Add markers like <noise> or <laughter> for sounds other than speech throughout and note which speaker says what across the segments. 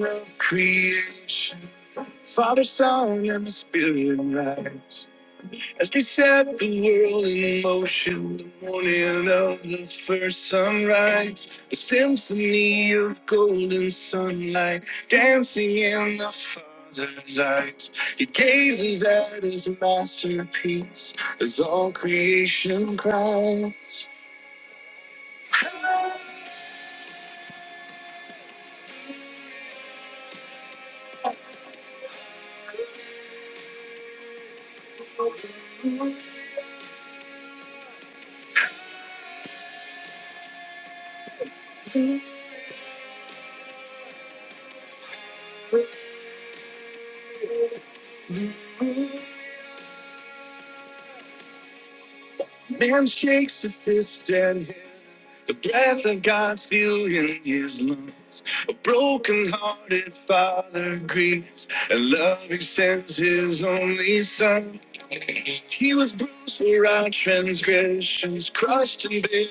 Speaker 1: of creation, Father, Son, and the Spirit rise. As they set the world in motion, the morning of the first sunrise, a symphony of golden sunlight dancing in the Father's eyes. He gazes at his masterpiece as all creation cries. Man shakes a fist at heaven The breath of God still in his lungs. A broken-hearted father grieves, and loving sends his only son. He was bruised for our transgressions, crushed and buried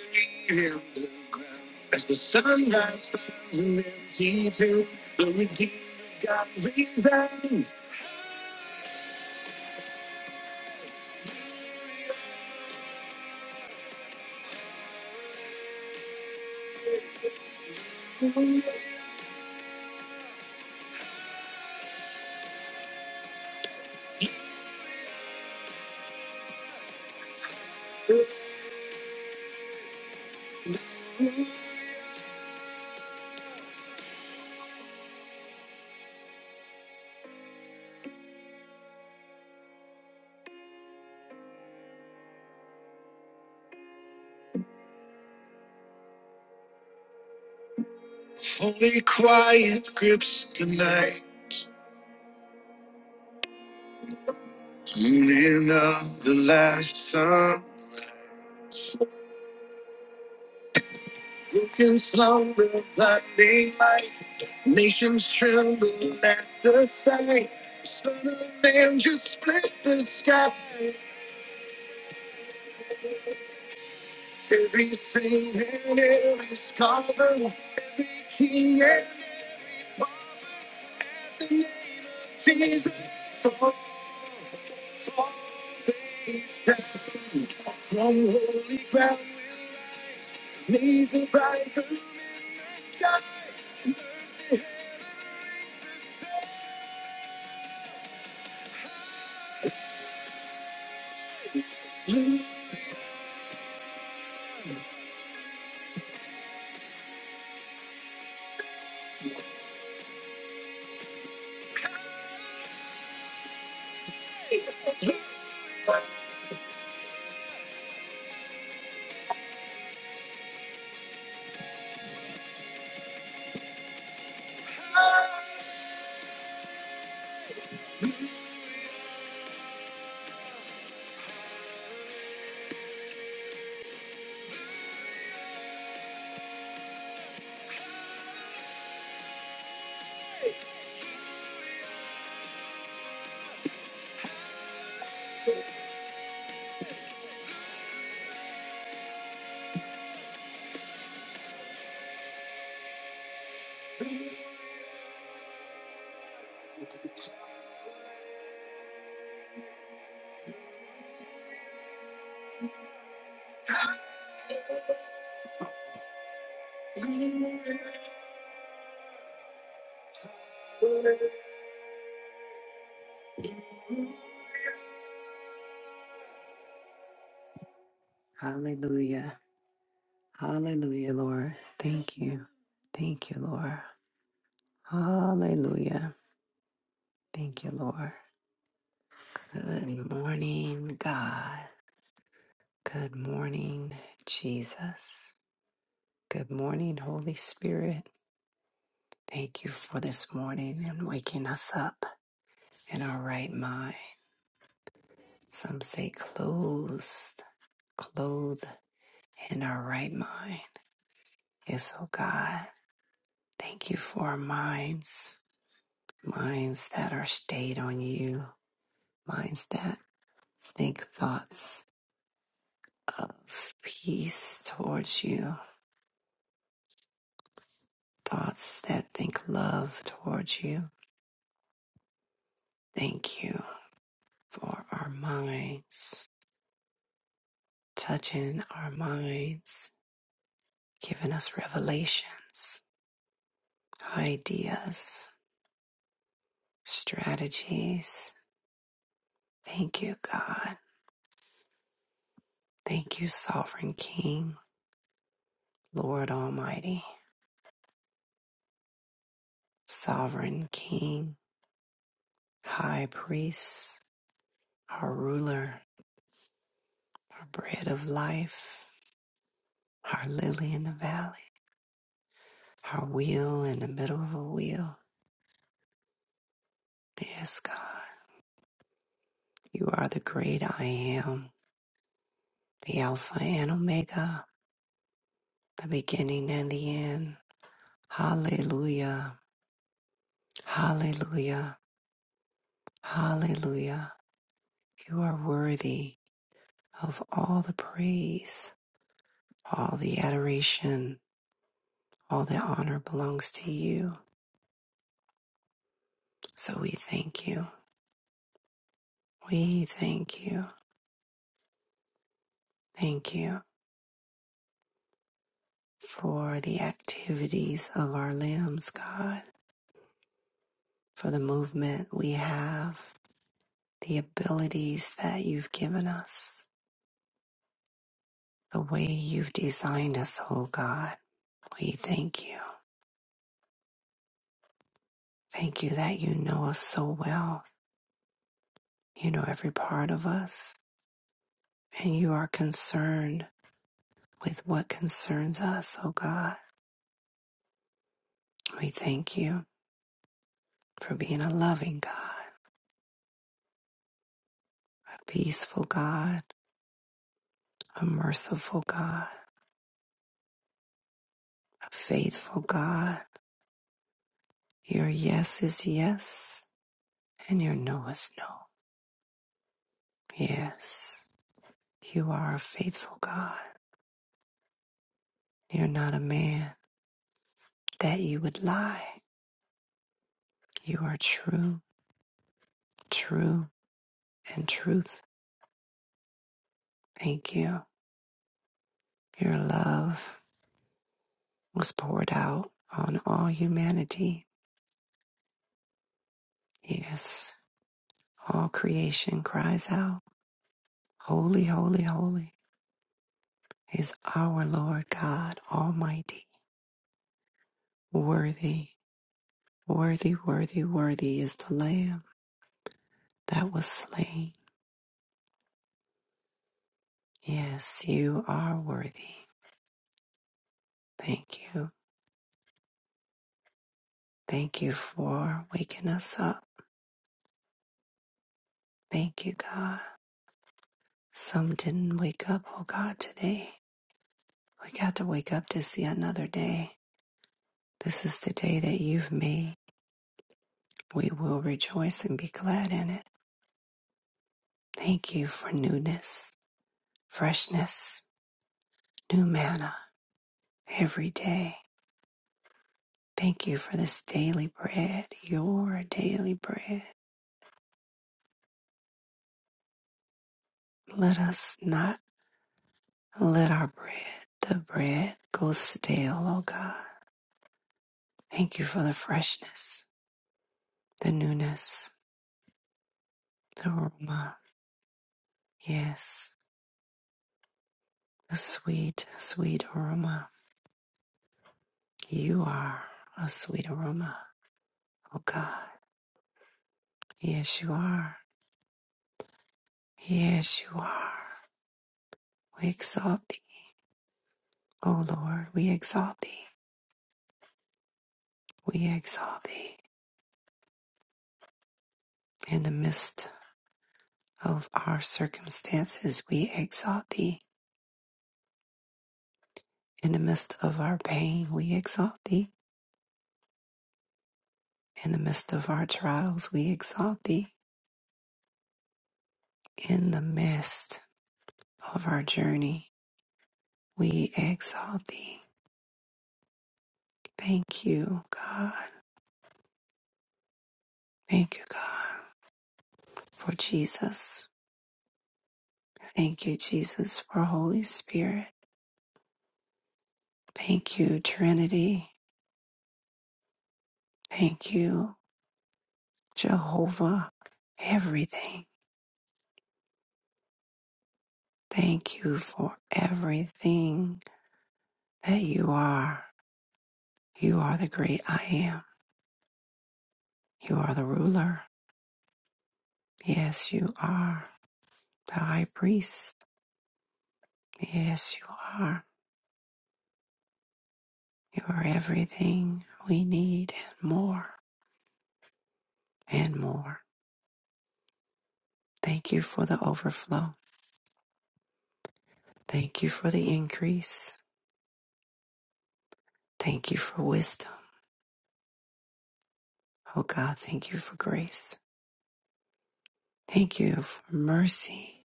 Speaker 1: in the ground. As the sunrise finds an empty tomb, the redeemed of God rings out. Holy quiet grips the night, tuning of the last sun. You can slumber but they Nations tremble at the sight. Son of man, just split the sky. Every saint and every scholar, every king and the nations. Falls on his down. From holy ground, made the bridegroom. Hallelujah. Hallelujah, Lord. Thank you. Thank you, Lord. Hallelujah. Thank you, Lord. Good morning, God. Good morning, Jesus. Good morning, Holy Spirit. Thank you for this morning and waking us up in our right mind. Some say closed, clothed in our right mind. Yes, oh God. Thank you for our minds, minds that are stayed on you, minds that think thoughts of peace towards you thoughts that think love towards you. Thank you for our minds, touching our minds, giving us revelations, ideas, strategies. Thank you, God. Thank you, Sovereign King, Lord Almighty, Sovereign King, High Priest, our ruler, our bread of life, our lily in the valley, our wheel in the middle of a wheel. Yes, God. You are the great I am, the Alpha and Omega, the beginning and the end. Hallelujah, hallelujah, hallelujah. You are worthy of all the praise, all the adoration, all the honor belongs to you. So we thank you. We thank you. Thank you for the activities of our limbs, God, for the movement we have. the abilities that you've given us, the way you've designed us, oh God. We thank you. Thank you that you know us so well. You know every part of us, and you are concerned with what concerns us, oh God. We thank you for being a loving God, a peaceful God, a merciful God, a faithful God. Your yes is yes, and your no is no. Yes, you are a faithful God. You're not a man that you would lie. You are true, true, and truth. Thank you. Your love was poured out on all humanity. Yes, all creation cries out, Holy, holy, holy is our Lord God Almighty. Worthy, worthy, worthy, worthy is the Lamb that was slain. Yes, you are worthy. Thank you. Thank you for waking us up. Thank you, God. Some didn't wake up, oh God, today. We got to wake up to see another day. This is the day that you've made. We will rejoice and be glad in it. Thank you for newness, freshness, new manna every day. Thank you for this daily bread, your daily bread. Let us not let our bread, the bread, go stale, oh God. Thank you for the freshness, the newness, the aroma. Yes, a sweet, sweet aroma. You are a sweet aroma, oh God. Yes, you are. Yes, you are. We exalt thee, O Lord. We exalt thee. We exalt thee. In the midst of our circumstances, we exalt thee. In the midst of our pain, we exalt thee. In the midst of our trials, we exalt thee. In the midst of our journey, we exalt thee. Thank you, God. Thank you, God, for Jesus. Thank you, Jesus, for Holy Spirit. Thank you, Trinity. Thank you, Jehovah. Everything. Thank you for everything that you are. You are the great I am. You are the ruler. Yes, you are. The high priest. Yes, you are. You are everything we need and more and more. Thank you for the overflow. Thank you for the increase. Thank you for wisdom. Oh God, thank you for grace. Thank you for mercy.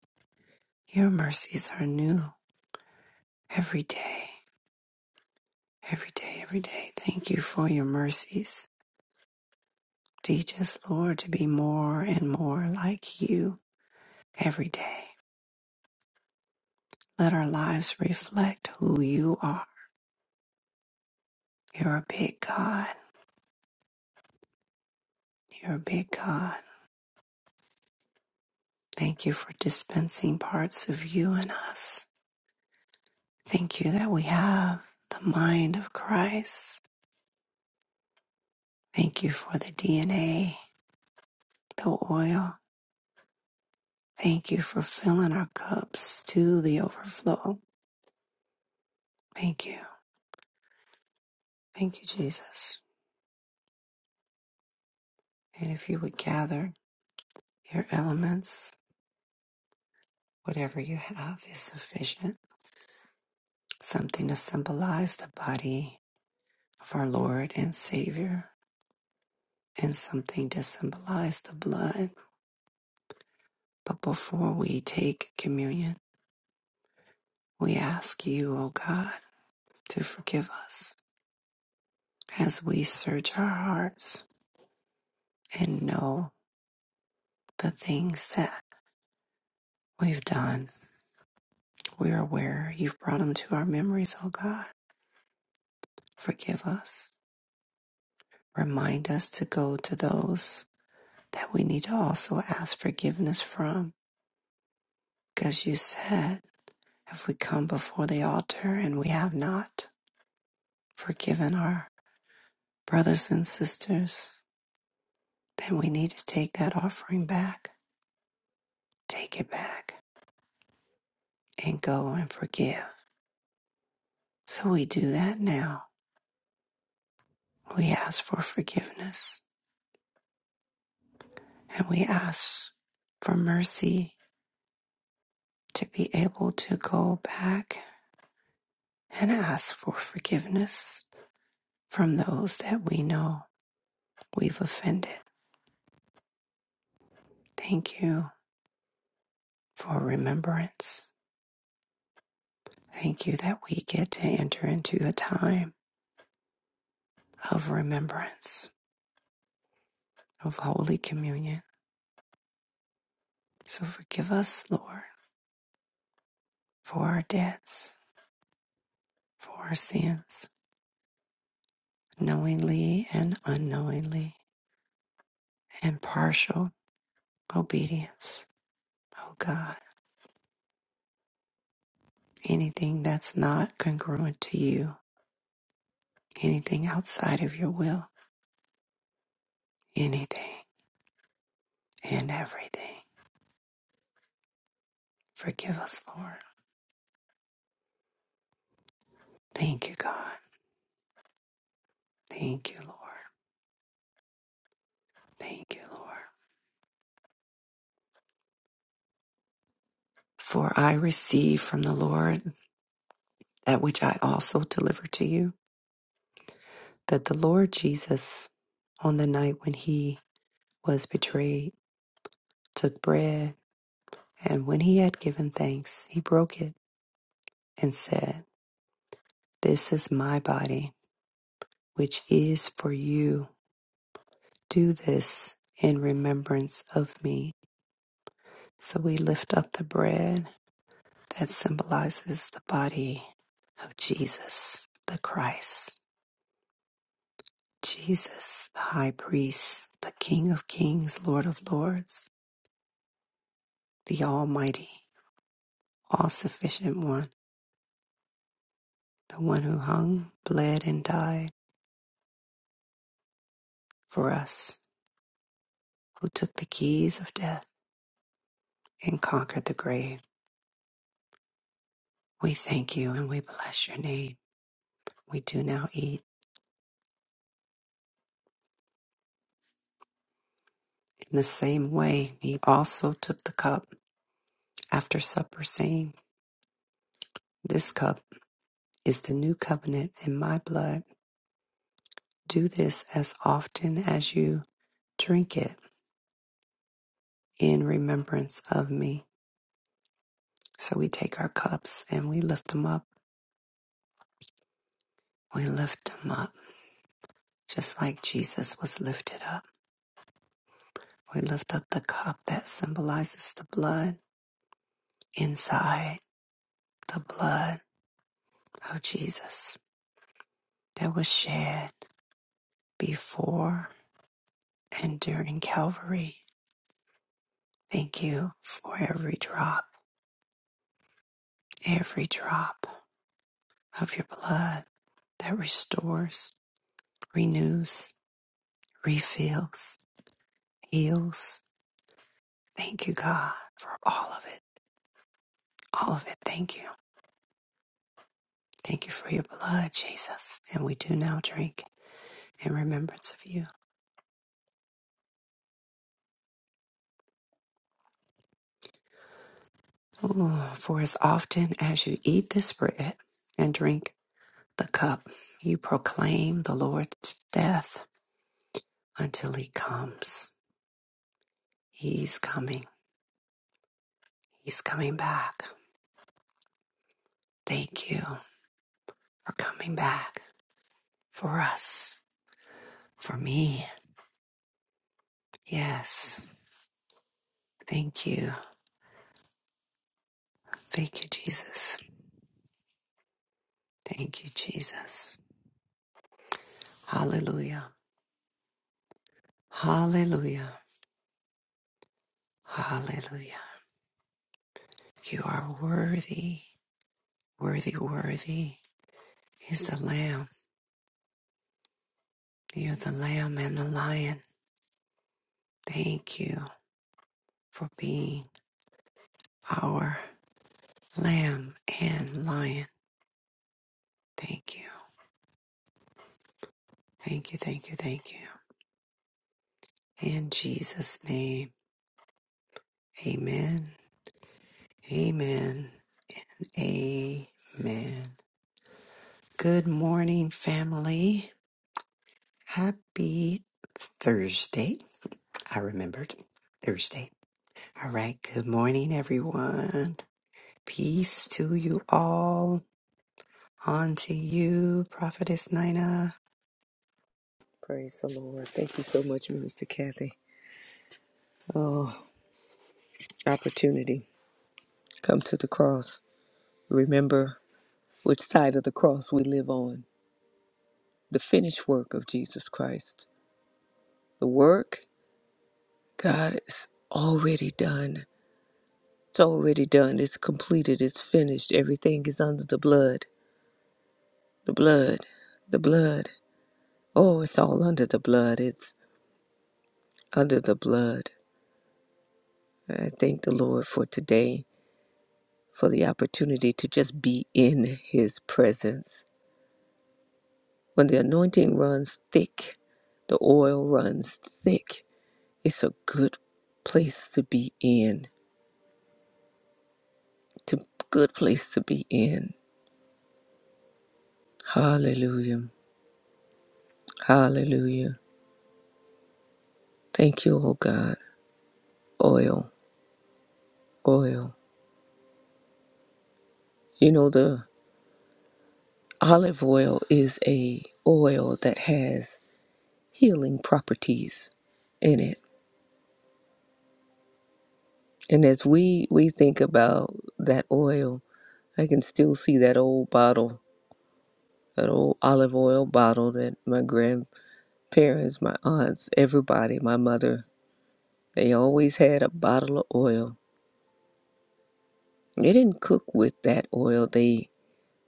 Speaker 1: Your mercies are new every day, every day, every day. Thank you for your mercies. Teach us, Lord, to be more and more like you every day. Let our lives reflect who you are. You're a big God. You're a big God. Thank you for dispensing parts of you in us. Thank you that we have the mind of Christ. Thank you for the DNA, the oil. Thank you for filling our cups to the overflow. Thank you. Thank you, Jesus. And if you would gather your elements, whatever you have is sufficient. Something to symbolize the body of our Lord and Savior, and something to symbolize the blood. But before we take communion, we ask you, O God. to forgive us as we search our hearts and know the things that we've done. We're aware you've brought them to our memories, oh God. Forgive us. Remind us to go to those that we need to also ask forgiveness from. Because you said, if we come before the altar and we have not forgiven our brothers and sisters, then we need to take that offering back, take it back, and go and forgive. So we do that now. We ask for forgiveness and we ask for mercy to be able to go back and ask for forgiveness from those that we know we've offended. Thank you for remembrance. Thank you that we get to enter into a time of remembrance of Holy Communion. So forgive us, Lord, for our debts, for our sins, knowingly and unknowingly and partial obedience. Oh God, anything that's not congruent to you, anything outside of your will, anything and everything. Forgive us, Lord. Thank you, God. Thank you, Lord. Thank you, Lord. For I receive from the Lord that which I also deliver to you, that the Lord Jesus, on the night when he was betrayed, took bread, and when he had given thanks, he broke it and said, This is my body, which is for you. Do this in remembrance of me. So we lift up the bread that symbolizes the body of Jesus, the Christ, Jesus, the high priest, the King of kings, Lord of lords, the Almighty, all sufficient one, the one who hung, bled, and died for us, who took the keys of death and conquered the grave. We thank you and we bless your name. we do now eat. In the same way, he also took the cup after supper, saying, This cup is the new covenant in my blood. Do this as often as you drink it in remembrance of me. So we take our cups and we lift them up. We lift them up, just like Jesus was lifted up. We lift up the cup that symbolizes the blood inside, the blood of Jesus that was shed before And during Calvary, thank you for every drop, every drop of your blood that restores, renews, refills, heals. Thank you, God, for all of it. All of it. Thank you. Thank you for your blood, Jesus. And we do now drink in remembrance of you. Ooh, for as often as you eat this bread and drink the cup, you proclaim the Lord's death until he comes. He's coming. He's coming back. Thank you for coming back for us, for me. Yes. Thank you. Thank you, Jesus. Thank you, Jesus. Hallelujah. Hallelujah. Hallelujah. You are worthy, worthy, worthy is the Lamb. You're the Lamb and the Lion. Thank you for being our Lamb and Lion. Thank you. Thank you, thank you, thank you. In Jesus' name. Amen. Amen. Amen. Good morning, family. Happy Thursday. I remembered Thursday. All right. Good morning, everyone. Peace to you all. On to you, Prophetess Nina.
Speaker 2: Praise the Lord. Thank you so much, Minister Kathy. Oh, opportunity. Come to the cross. Remember which side of the cross we live on. The finished work of Jesus Christ. The work, God, is already done. It's already done. It's completed. It's finished. Everything is under the blood. The blood. The blood. Oh, it's all under the blood. It's under the blood. I thank the Lord for today. for the opportunity to just be in His presence. When the anointing runs thick, the oil runs thick, it's a good place to be in. To good place to be in. Hallelujah. Hallelujah. Thank you, oh God. Oil, oil. You know the olive oil is a oil that has healing properties in it. And as we we think about that oil, I can still see that old bottle, that old olive oil bottle that my grandparents, my aunts, everybody, my mother, they always had a bottle of oil. They didn't cook with that oil, they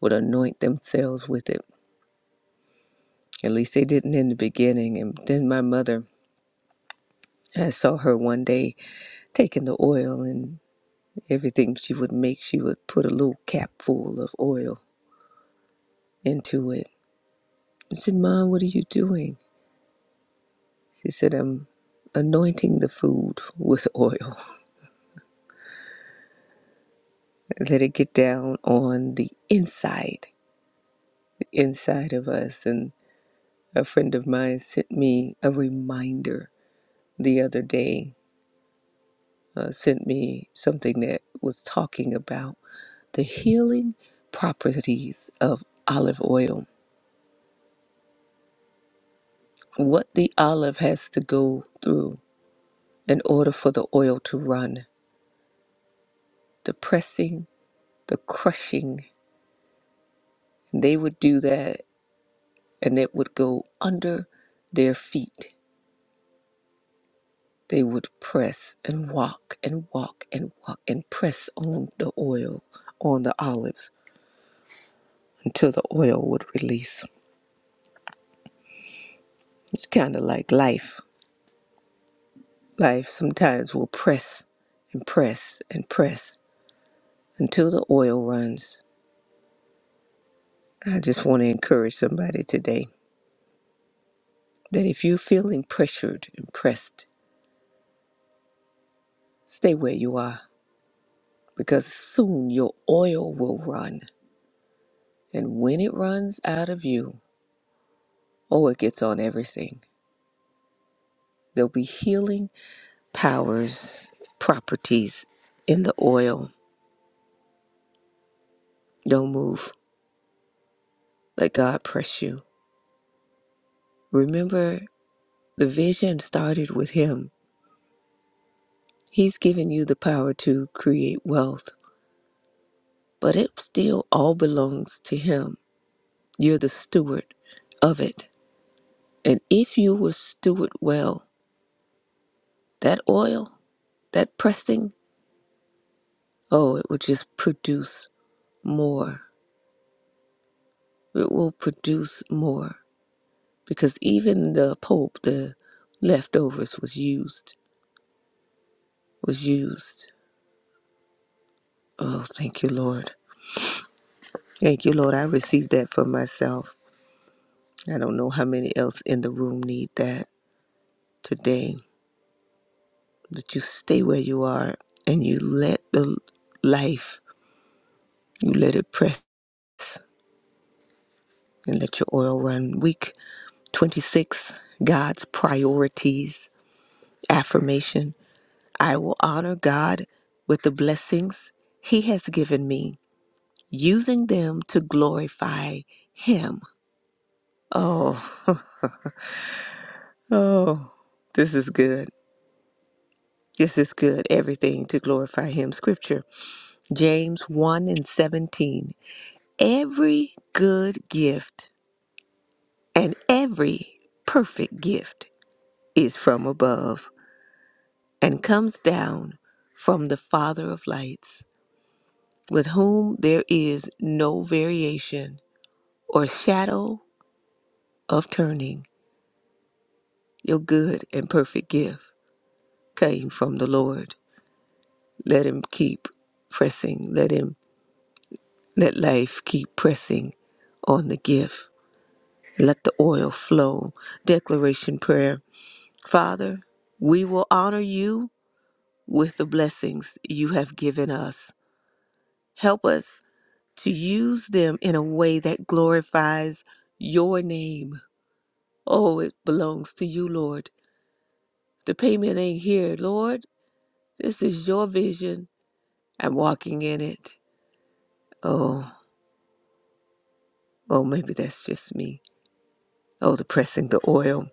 Speaker 2: would anoint themselves with it. At least they didn't in the beginning. And then my mother, I saw her one day taking the oil and everything she would make, she would put a little cap full of oil into it. I said, Mom, what are you doing? She said, I'm anointing the food with oil. <laughs> Let it get down on the inside, the inside of us. And a friend of mine sent me a reminder the other day, uh, sent me something that was talking about the healing properties of olive oil, what the olive has to go through in order for the oil to run, the pressing, the crushing. They would do that and it would go under their feet. They would press and walk and walk and walk and press on the oil, on the olives, until the oil would release. It's kind of like life. Life sometimes will press and press and press until the oil runs. I just want to encourage somebody today that if you're feeling pressured and pressed, stay where you are because soon your oil will run. And when it runs out of you, Oh, it gets on everything. There'll be healing powers, properties in the oil. Don't move. Let God press you. Remember, the vision started with Him. He's given you the power to create wealth, but it still all belongs to Him. You're the steward of it. And if you will steward well, that oil, that pressing, oh, it will just produce more. It will produce more. because even the Pope, the leftovers was used, was used. Oh, thank you, Lord. Thank you, Lord. I received that for myself. I don't know how many else in the room need that today, but you stay where you are and you let the life, you let it press and let your oil run. Week 26, God's priorities, affirmation. I will honor God with the blessings He has given me using them to glorify Him. Oh, <laughs> oh, this is good. This is good. Everything to glorify Him. Scripture, James 1 and 17. Every good gift and every perfect gift is from above and comes down from the Father of lights, with whom there is no variation or shadow of turning your good and perfect gift came from the Lord. Let him keep pressing. Let him let life keep pressing on the gift. Let the oil flow. Declaration prayer. Father, we will honor you with the blessings you have given us. Help us to use them in a way that glorifies your name. Oh, it belongs to you, Lord. The payment ain't here, Lord. This is your vision. I'm walking in it. Oh, Oh, maybe that's just me. Oh, the pressing, the oil,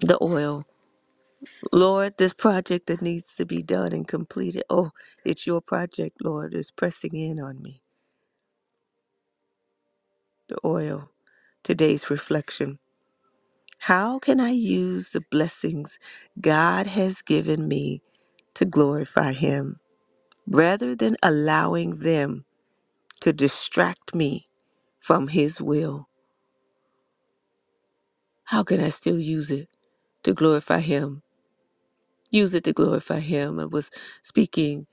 Speaker 2: the oil. Lord, this project that needs to be done and completed. Oh, it's your project, Lord, is pressing in on me. The oil. Today's reflection. How can I use the blessings God has given me to glorify Him rather than allowing them to distract me from His will? How can I still use it to glorify Him? used it to glorify him. I was speaking,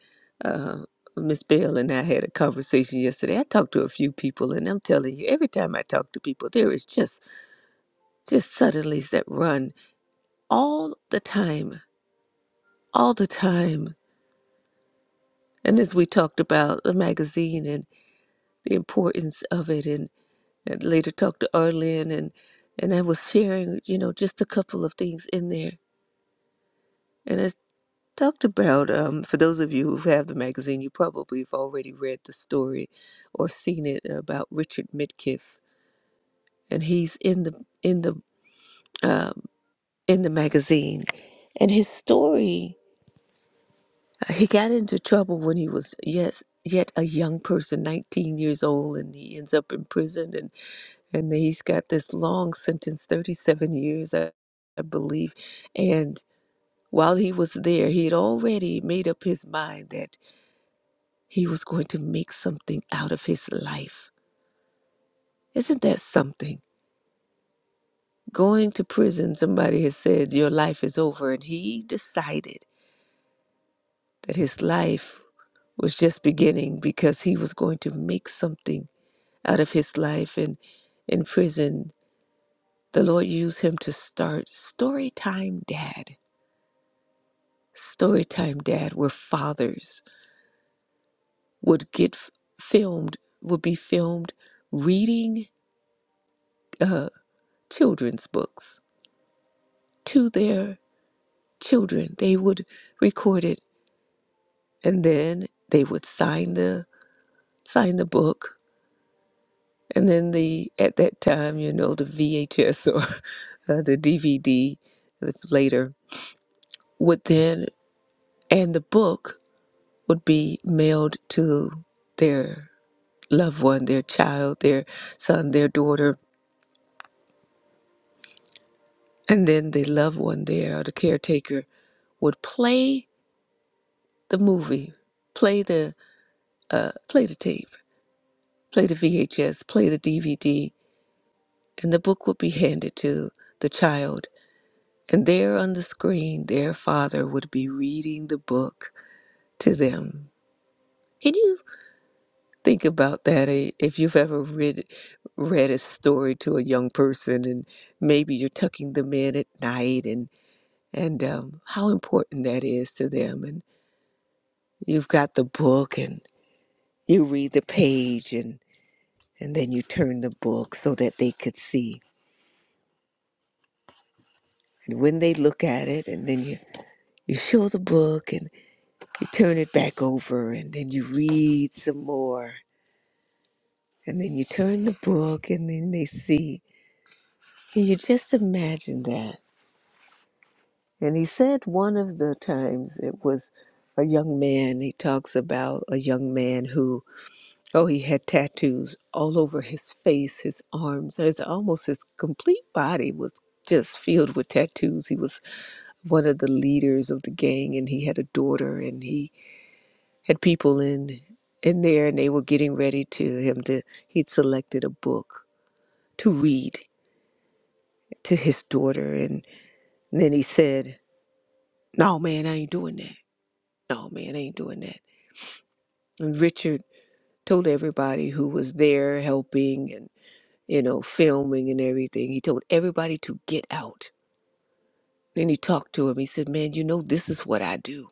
Speaker 2: uh, Miss Bell and I had a conversation yesterday. I talked to a few people, and I'm telling you, every time I talk to people, there is just just suddenlies that run all the time, all the time. And as we talked about the magazine and the importance of it, and, and later talked to Arlen, and and I was sharing, you know, just a couple of things in there. and I talked about um, for those of you who have the magazine you probably have already read the story or seen it about richard midkiff and he's in the in the um, in the magazine and his story uh, he got into trouble when he was yes yet a young person 19 years old and he ends up in prison and and he's got this long sentence 37 years i, I believe and while he was there he had already made up his mind that He was going to make something out of his life. Isn't that something? Going to prison, somebody has said, Your life is over. And he decided that his life was just beginning because he was going to make something out of his life. And in prison, the Lord used him to start Storytime Dad. Storytime Dad, where fathers would get f- filmed, would be filmed reading uh, children's books to their children they would record it and then they would sign the sign the book and then the at that time you know the vhs or <laughs> uh, the dvd later would then and the book would be mailed to their loved one their child their son their daughter and then the loved one there the caretaker would play the movie play the uh, play the tape play the vhs play the dvd and the book would be handed to the child. And there on the screen, their father would be reading the book to them. Can you think about that eh, if you've ever read, read a story to a young person and maybe you're tucking them in at night and, and um, how important that is to them? And you've got the book and you read the page and, and then you turn the book so that they could see. And when they look at it, and then you, you show the book and you turn it back over and then you read some more and then you turn the book and then they see can you just imagine that and he said one of the times it was a young man he talks about a young man who oh he had tattoos all over his face his arms his almost his complete body was just filled with tattoos he was one of the leaders of the gang and he had a daughter and he had people in in there and they were getting ready to him to he'd selected a book to read to his daughter and, then he said no man i ain't doing that no man i ain't doing that and richard told everybody who was there helping and you know filming and everything he told everybody to get out then he talked to him he said man you know this is what i do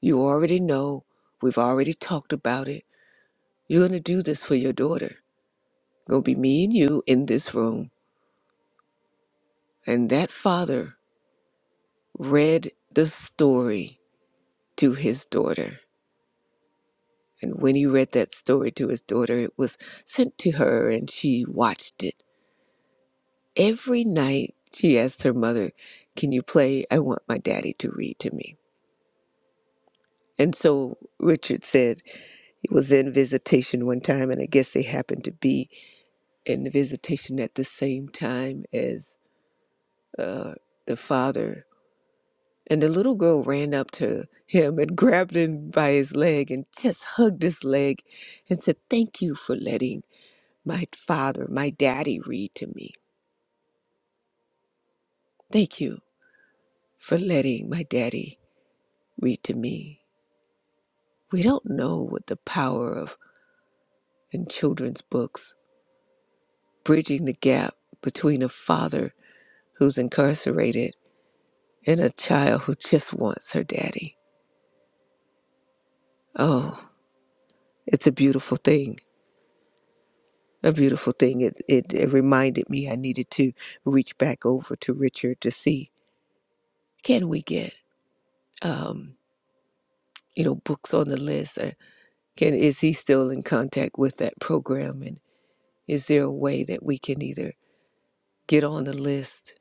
Speaker 2: you already know we've already talked about it you're going to do this for your daughter going to be me and you in this room And that father read the story to his daughter. And when he read that story to his daughter, it was sent to her and she watched it. Every night she asked her mother, Can you play? I want my daddy to read to me. And so Richard said he was in visitation one time, and I guess they happened to be in the visitation at the same time as uh, the father And the little girl ran up to him and <laughs> grabbed him by his leg and just hugged his leg and said, Thank you for letting my father, my daddy, read to me. Thank you for letting my daddy read to me. We don't know what the power of in children's books, bridging the gap between a father who's incarcerated and a child who just wants her daddy. Oh, it's a beautiful thing. a beautiful thing. It, it it reminded me I needed to reach back over to Richard to see can we get um, you know books on the list or can is he still in contact with that program and is there a way that we can either get on the list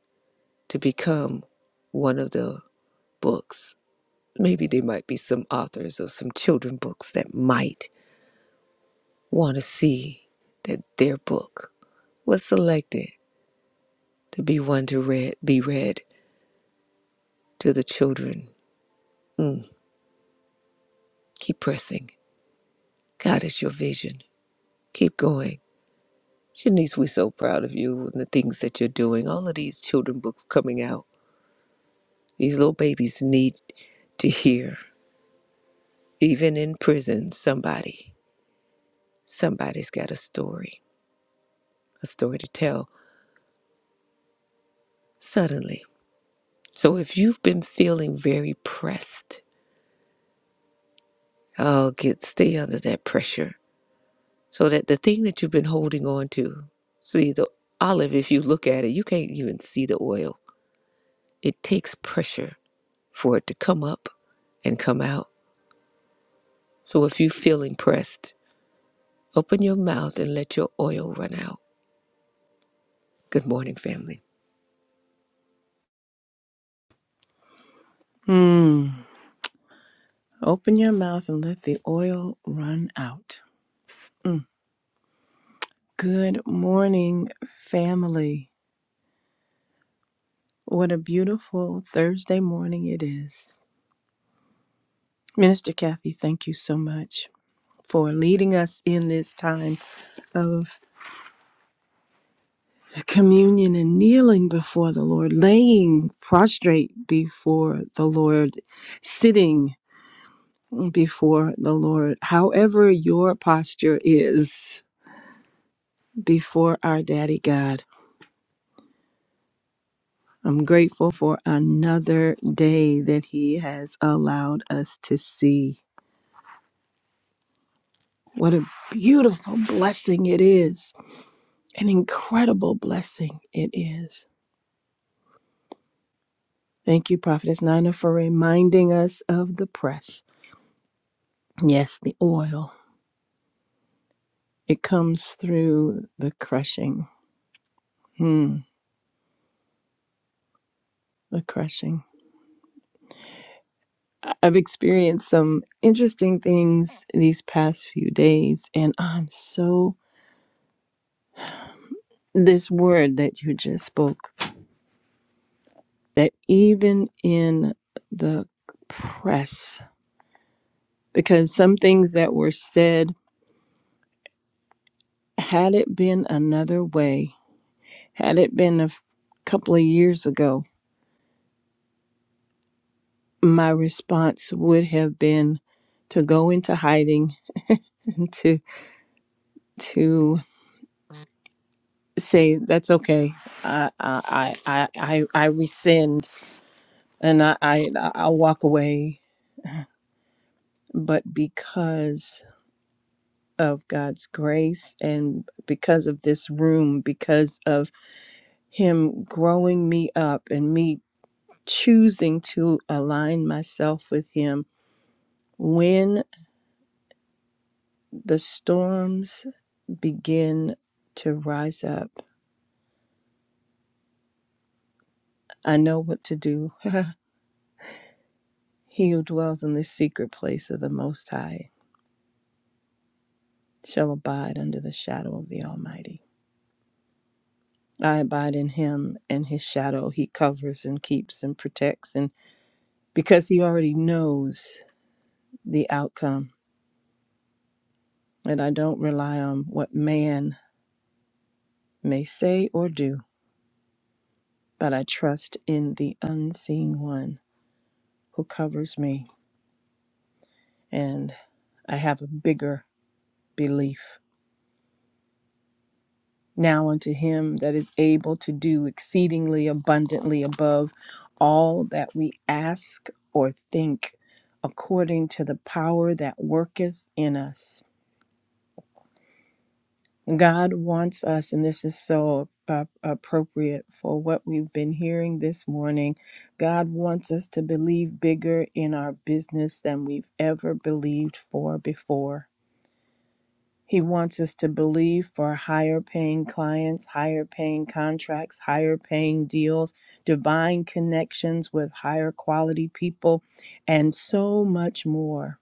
Speaker 2: to become one of the books? Maybe there might be some authors of some children books that might want to see that their book was selected to be one to read be read to the children Mm, keep pressing. God is your vision. Keep going. Shanice, we're so proud of you and the things that you're doing. All of these children books coming out. These little babies need to hear. Even in prison, somebody, somebody's got a story, a story to tell suddenly. So if you've been feeling very pressed, oh, get stay under that pressure so that the thing that you've been holding on to, see the olive, if you look at it, you can't even see the oil It takes pressure for it to come up and come out. So if you feel impressed, open your mouth and let your oil run out. Good morning, family.
Speaker 3: Hmm. Open your mouth and let the oil run out. Mm. Good morning, family. What a beautiful Thursday morning it is. Minister Kathy, thank you so much for leading us in this time of communion and kneeling before the Lord, laying prostrate before the Lord, sitting before the Lord, however your posture is before our daddy God. I'm grateful for another day that He has allowed us to see. What a beautiful blessing it is, an incredible blessing it is. Thank you, Prophetess Nina, for reminding us of the press. Yes, the oil. It comes through the crushing. Hmm, the crushing. I- I've experienced some interesting things these past few days, and I'm so. This word that you just spoke that even in the press, because some things that were said, had it been another way, had it been a f- couple of years ago, my response would have been to go into hiding <laughs> and to to say that's okay. I I I I, I rescind and I, I I'll walk away. But because of God's grace and because of this room, because of Him growing me up and me choosing to align myself with Him. When the storms begin to rise up, I know what to do. <laughs> he who dwells in the secret place of the Most High shall abide under the shadow of the Almighty. I abide in Him, and His shadow He covers and keeps and protects. And because He already knows the outcome, and I don't rely on what man may say or do, but I trust in the unseen one who covers me, and I have a bigger belief. Now unto him that is able to do exceedingly abundantly above all that we ask or think, according to the power that worketh in us. God wants us, and this is so uh, appropriate for what we've been hearing this morning. God wants us to believe bigger in our business than we've ever believed for before. He wants us to believe for higher paying clients, higher paying contracts, higher paying deals, divine connections with higher quality people, and so much more.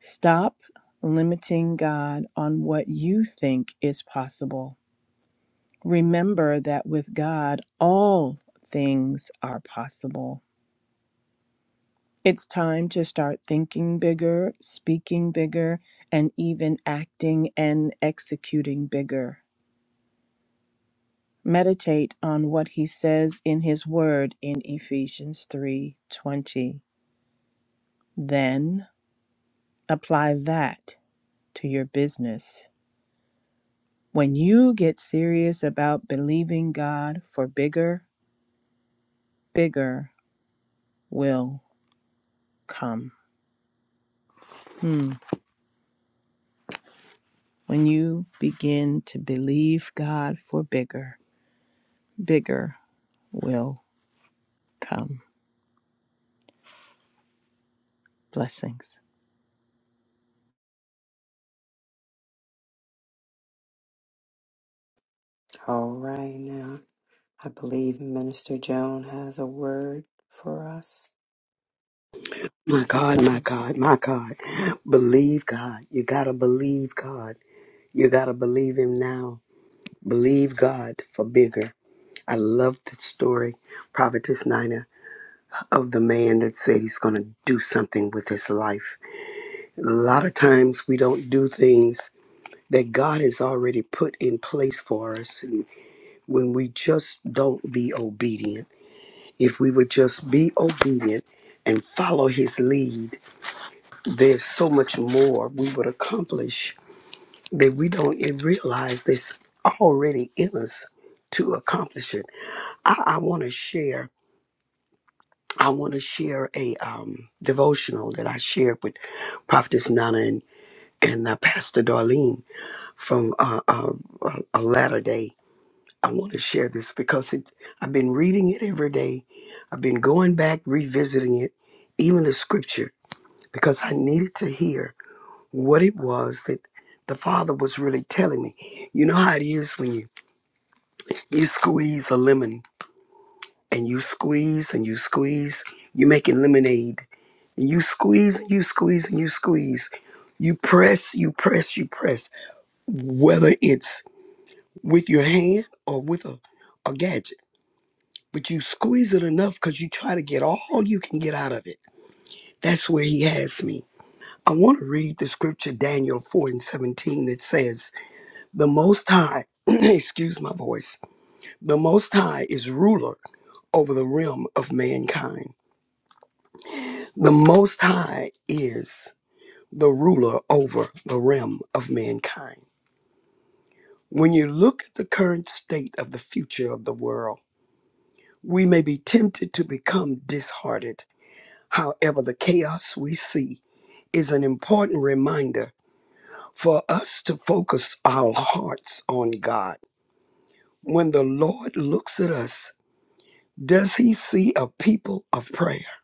Speaker 3: Stop limiting God on what you think is possible Remember that with God, all things are possible. It's time to start thinking bigger, speaking bigger, and even acting and executing bigger. Meditate on what he says in his word in Ephesians 3:20. Then apply that to your business. When you get serious about believing God for bigger, bigger will come. Hmm. When you begin to believe God for bigger, bigger will come. Blessings.
Speaker 1: All right, now. I believe Minister Joan has a word for us.
Speaker 4: My God,
Speaker 1: Welcome.
Speaker 4: my God, my God. Believe God. You got to believe God. You got to believe Him now. Believe God for bigger. I love the story, Prophetess Nina, of the man that said he's going to do something with his life. A lot of times we don't do things that God has already put in place for us and when we just don't be obedient. If we would just be obedient and follow His lead, there's so much more we would accomplish that we don't even realize that's already in us to accomplish it. I, I want to share. I want to share a um, devotional that I shared with Prophetess Nana and, and uh, Pastor Darlene from uh, uh, a a latter day. I want to share this because it, I've been reading it every day. I've been going back, revisiting it, even the scripture, because I needed to hear. what it was that the father was really telling me. You know how it is when you you squeeze a lemon and you squeeze and you squeeze, you are making lemonade and you squeeze and you squeeze and you squeeze. You press, you press, you press, whether it's with your hand or with a, a gadget. But you squeeze it enough because you try to get all you can get out of it. That's where he has me. I want to read the scripture, Daniel 4 and 17, that says, The Most High, <clears throat> excuse my voice, the Most High is ruler over the realm of mankind. The Most High is the ruler over the realm of mankind. When you look at the current state of the future of the world, we may be tempted to become disheartened. However, the chaos we see is an important reminder for us to focus our hearts on God. When the Lord looks at us, Does he see a people of prayer?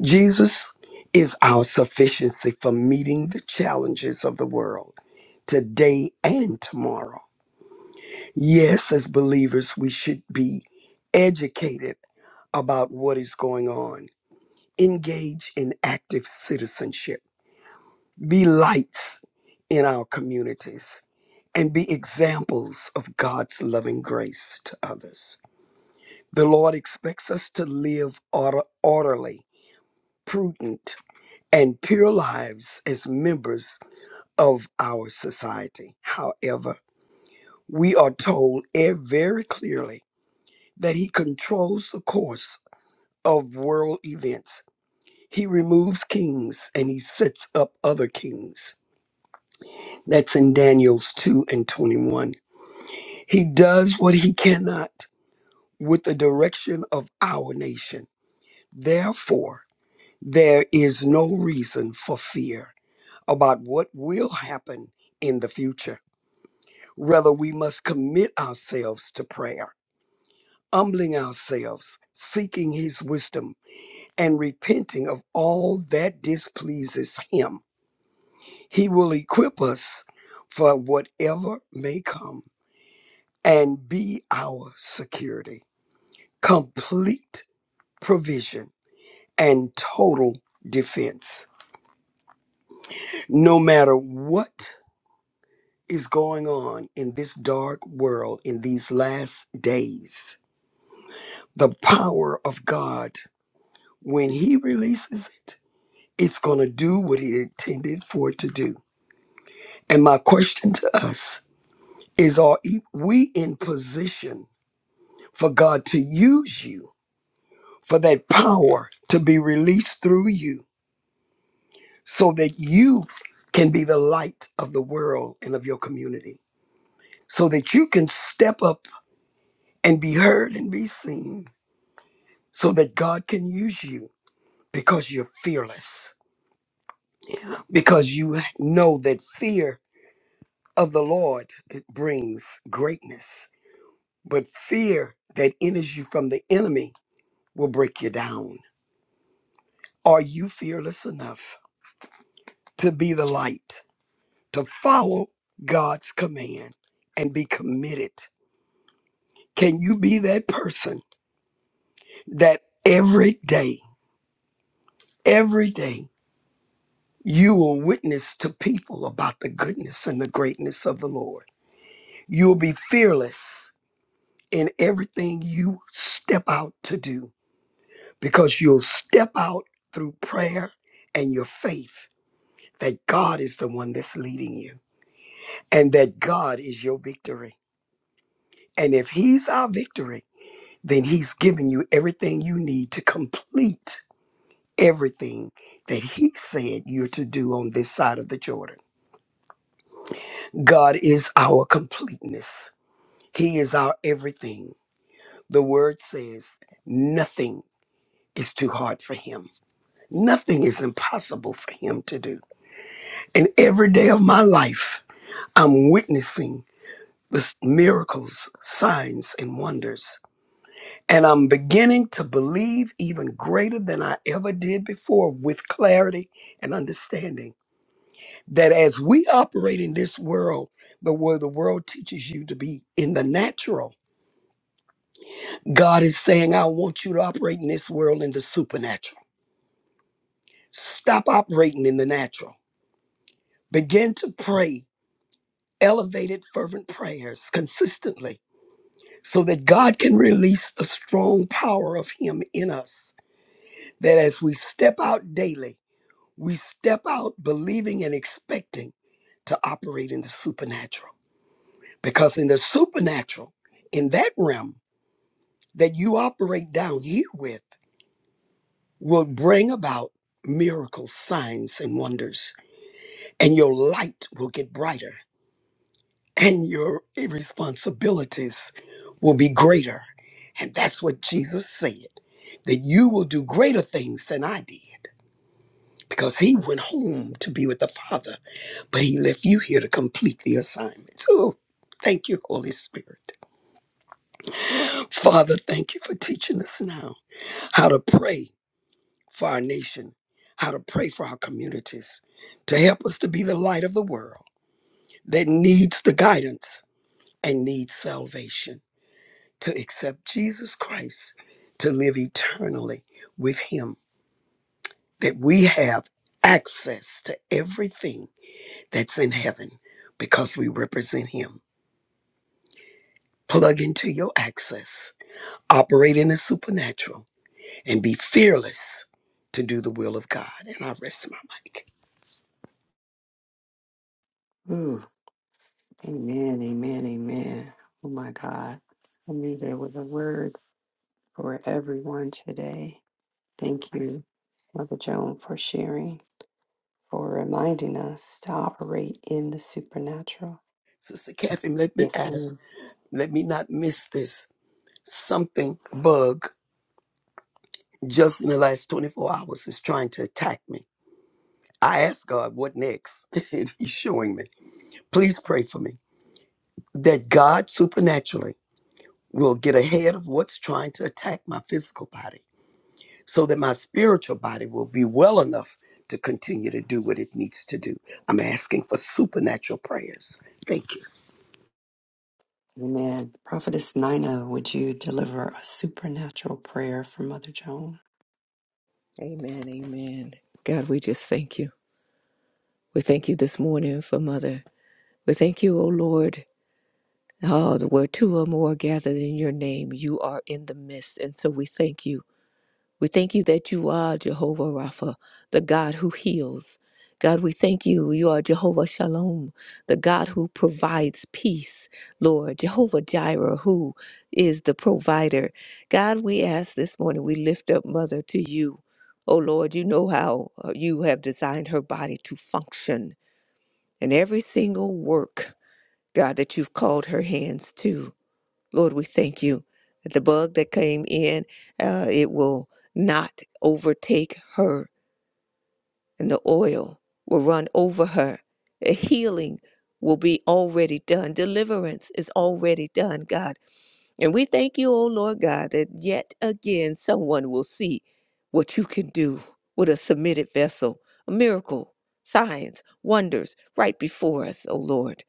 Speaker 4: Jesus is our sufficiency for meeting the challenges of the world today and tomorrow. Yes, as believers, we should be educated about what is going on, engage in active citizenship, be lights in our communities, and be examples of God's loving grace to others. The Lord expects us to live order- orderly, prudent, and pure lives as members of our society. However, we are told eh, very clearly that he controls the course of world events. He removes kings and he sets up other kings. That's in Daniel's 2 and 21. He does what he cannot with the direction of our nation. Therefore, there is no reason for fear about what will happen in the future Rather, we must commit ourselves to prayer, humbling ourselves, seeking His wisdom, and repenting of all that displeases Him. He will equip us for whatever may come and be our security, complete provision, and total defense. No matter what is going on in this dark world in these last days, the power of God When he releases it, it's going to do what he intended for it to do. And my question to us is are e- we in position for God to use you for that power to be released through you so that you can be the light of the world and of your community, so that you can step up and be heard and be seen, so that God can use you because you're fearless, because you know that fear of the Lord it brings greatness, but fear that enters you from the enemy will break you down. Are you fearless enough to be the light, to follow God's command and be committed? Can you be that person that every day, every day, you will witness to people about the goodness and the greatness of the Lord? You'll be fearless in everything you step out to do because you'll step out through prayer and your faith that God is the one that's leading you and that God is your victory. And if He's our victory, then He's giving you everything you need to complete everything that He said you're to do on this side of the Jordan. God is our completeness, He is our everything. The Word says nothing is too hard for Him, nothing is impossible for Him to do. And every day of my life, I'm witnessing the miracles, signs, and wonders. And I'm beginning to believe even greater than I ever did before with clarity and understanding that as we operate in this world, the way the world teaches you to be in the natural, God is saying, I want you to operate in this world in the supernatural. Stop operating in the natural. Begin to pray elevated, fervent prayers consistently so that God can release the strong power of Him in us. That as we step out daily, we step out believing and expecting to operate in the supernatural. Because in the supernatural, in that realm that you operate down here with, will bring about miracles, signs, and wonders, and your light will get brighter and your responsibilities will be greater. And that's what Jesus said that you will do greater things than I did because he went home to be with the Father, but he left you here to complete the assignment. So thank you, Holy Spirit. Father, thank you for teaching us now how to pray for our nation, how to pray for our communities, to help us to be the light of the world that needs the guidance and needs salvation. to accept Jesus Christ to live eternally with Him, that we have access to everything that's in heaven because we represent Him. Plug into your access, operate in the supernatural, and be fearless to do the will of God. And I rest my mic.
Speaker 1: Ooh, amen, amen, amen. Oh my God. I knew there was a word for everyone today. Thank you, Mother Joan, for sharing, for reminding us to operate in the supernatural.
Speaker 4: Sister Catherine, let me
Speaker 1: Yes,
Speaker 4: ask,
Speaker 1: ma'am.
Speaker 4: let me not miss this. Something, bug, just in the last 24 hours is trying to attack me. I asked God, what next? <laughs> And He's showing me. Please pray for me that God supernaturally will get ahead of what's trying to attack my physical body so that my spiritual body will be well enough to continue to do what it needs to do. I'm asking for supernatural prayers. Thank you.
Speaker 1: Amen. Prophetess Nina, would you deliver a supernatural prayer for Mother Joan?
Speaker 2: Amen. Amen. God, we just thank you. We thank you this morning for Mother. We thank you, O Lord. Oh, the where two or more are gathered in your name, you are in the midst. And so we thank you We thank you that you are Jehovah Rapha, the God who heals. God, we thank you. You are Jehovah Shalom, the God who provides peace. Lord, Jehovah Jireh, who is the provider. God, we ask this morning, we lift up Mother to you. Oh Lord, you know how uh, you have designed her body to function and every single work, God, that you've called her hands to. Lord, we thank you that the bug that came in, uh, it will not overtake her, and the oil will run over her. A healing will be already done. Deliverance is already done, God. And we thank you, O Lord God, that yet again someone will see what you can do with a submitted vessel, a miracle, signs, wonders right before us, O Lord.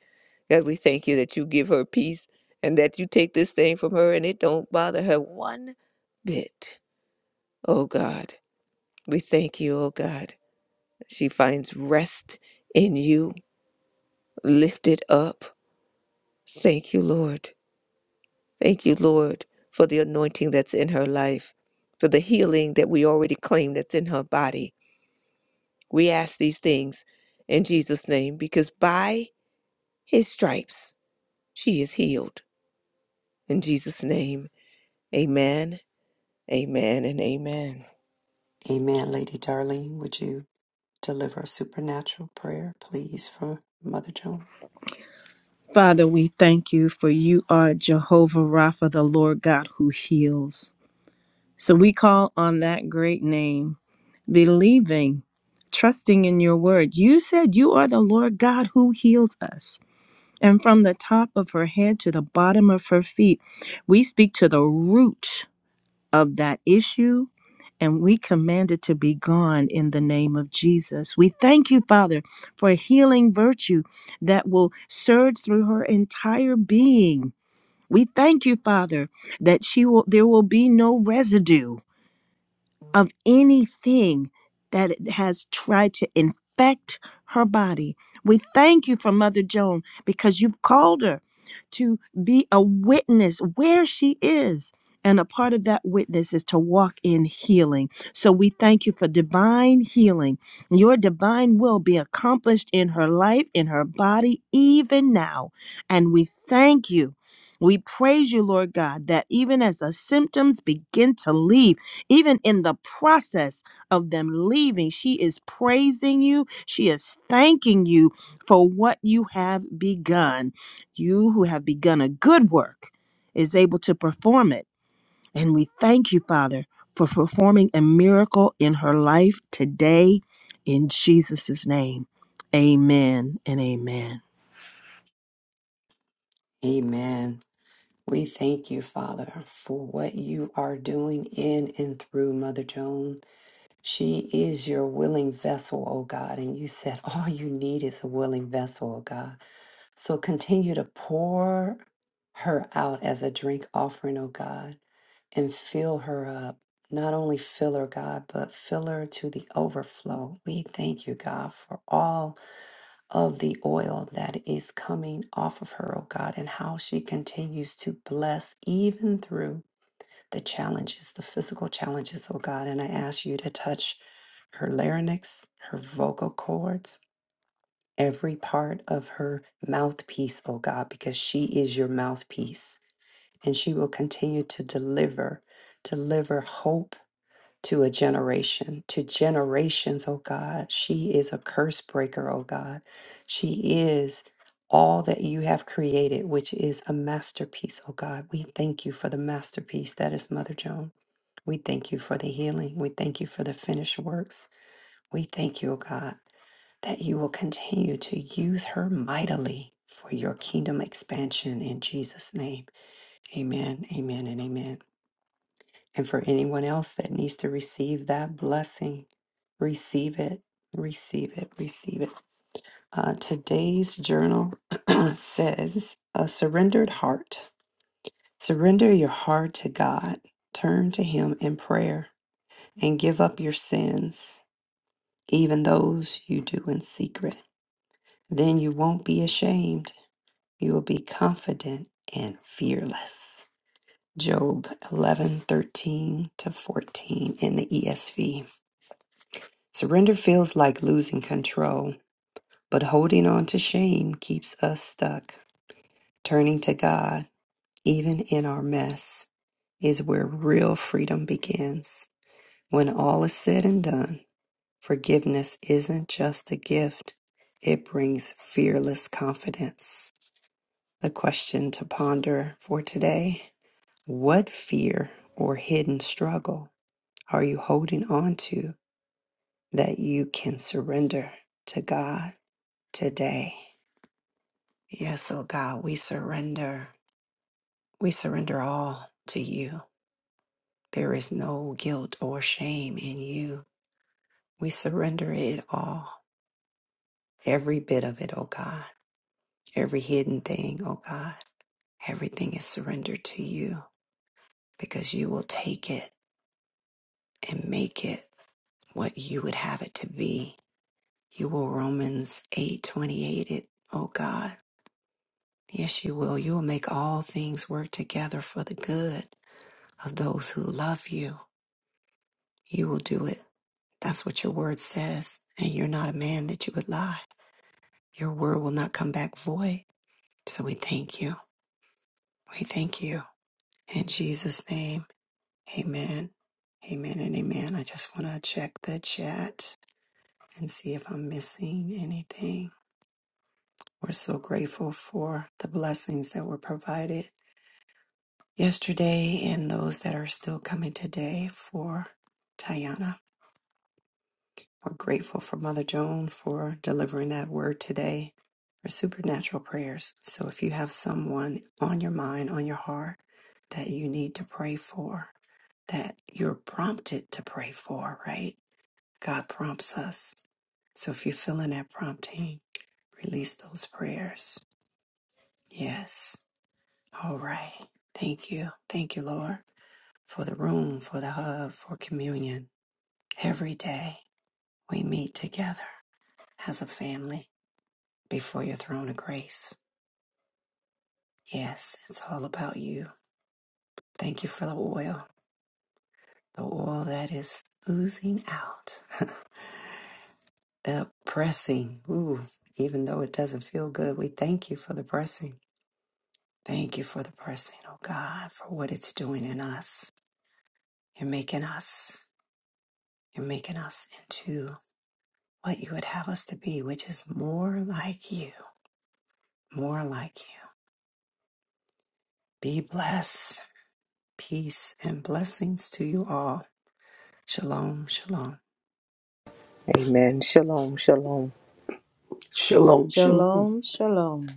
Speaker 2: God, we thank you that you give her peace and that you take this thing from her and it don't bother her one bit. Oh God, we thank you, oh God. She finds rest in you, lifted up. Thank you, Lord. Thank you, Lord, for the anointing that's in her life, for the healing that we already claim that's in her body. We ask these things in Jesus' name because by his stripes she is healed. In Jesus' name, amen Amen and amen.
Speaker 1: Amen. Lady Darling, would you deliver a supernatural prayer, please, for Mother Joan?
Speaker 3: Father, we thank you for you are Jehovah Rapha, the Lord God who heals. So we call on that great name, believing, trusting in your word. You said you are the Lord God who heals us. And from the top of her head to the bottom of her feet, we speak to the root. of that issue. And we command it to be gone in the name of Jesus. We thank you, Father, for a healing virtue that will surge through her entire being. We thank you, Father, that she will there will be no residue of anything that it has tried to infect her body. We thank you for Mother Joan because you've called her to be a witness where she is. And a part of that witness is to walk in healing. So we thank you for divine healing. Your divine will be accomplished in her life, in her body, even now. And we thank you. We praise you, Lord God, that even as the symptoms begin to leave, even in the process of them leaving, she is praising you. She is thanking you for what you have begun. You who have begun a good work is able to perform it. And we thank you, Father, for performing a miracle in her life today in Jesus' name. Amen and amen.
Speaker 1: Amen. We thank you, Father, for what you are doing in and through Mother Joan. She is your willing vessel, O God. And you said all you need is a willing vessel, O God. So continue to pour her out as a drink offering, O God, and fill her up. Not only fill her, God, but fill her to the overflow. We thank you, God, for all of the oil that is coming off of her, O God, and how she continues to bless even through the challenges, the physical challenges, oh God. And I ask you to touch her larynx, her vocal cords, every part of her mouthpiece, oh God, because she is your mouthpiece. And she will continue to deliver, deliver hope to a generation, to generations, oh God. She is a curse breaker, oh God. She is all that you have created, which is a masterpiece, oh God. We thank you for the masterpiece that is Mother Joan. We thank you for the healing. We thank you for the finished works. We thank you, oh God, that you will continue to use her mightily for your kingdom expansion in Jesus' name. Amen, amen, and amen. And for anyone else that needs to receive that blessing, receive it, receive it, receive it. Uh, today's journal <clears throat> says a surrendered heart. Surrender your heart to God, turn to Him in prayer, and give up your sins, even those you do in secret. Then you won't be ashamed. You will be confident and fearless. Job 11 13 to 14 in the ESV. Surrender feels like losing control, but holding on to shame keeps us stuck. Turning to God, even in our mess, is where real freedom begins. When all is said and done, forgiveness isn't just a gift, it brings fearless confidence. The question to ponder for today What fear or hidden struggle are you holding on to that you can surrender to God today? Yes, oh God, we surrender. We surrender all to you. There is no guilt or shame in you. We surrender it all, every bit of it, oh God, every hidden thing, oh God. Everything is surrendered to you because you will take it and make it what you would have it to be. You will Romans 8:28 it, oh God. Yes, you will. You will make all things work together for the good of those who love you. You will do it. That's what your word says. And you're not a man that you would lie. Your word will not come back void. So we thank you. We thank you. In Jesus' name, amen. Amen and amen. I just want to check the chat and see if I'm missing anything. We're so grateful for the blessings that were provided yesterday and those that are still coming today for Tayana. We're grateful for Mother Joan for delivering that word today for supernatural prayers. So if you have someone on your mind, on your heart that you need to pray for, that you're prompted to pray for, right? God prompts us. So if you're feeling that prompting, release those prayers. Yes. All right. Thank you. Thank you, Lord, for the room, for the hub, for communion. Every day we meet together as a family before your throne of grace. Yes, it's all about you. Thank you for the oil, the oil that is oozing out, the pressing. Ooh, even though it doesn't feel good, we thank you for the pressing. Thank you for the pressing, oh God, for what it's doing in us. You're making us, you're making us into what you would have us to be, which is more like you, more like you. Be blessed. Peace and blessings to you all. Shalom, shalom.
Speaker 2: Amen. Shalom, shalom.
Speaker 4: Shalom, shalom.
Speaker 3: Shalom, shalom.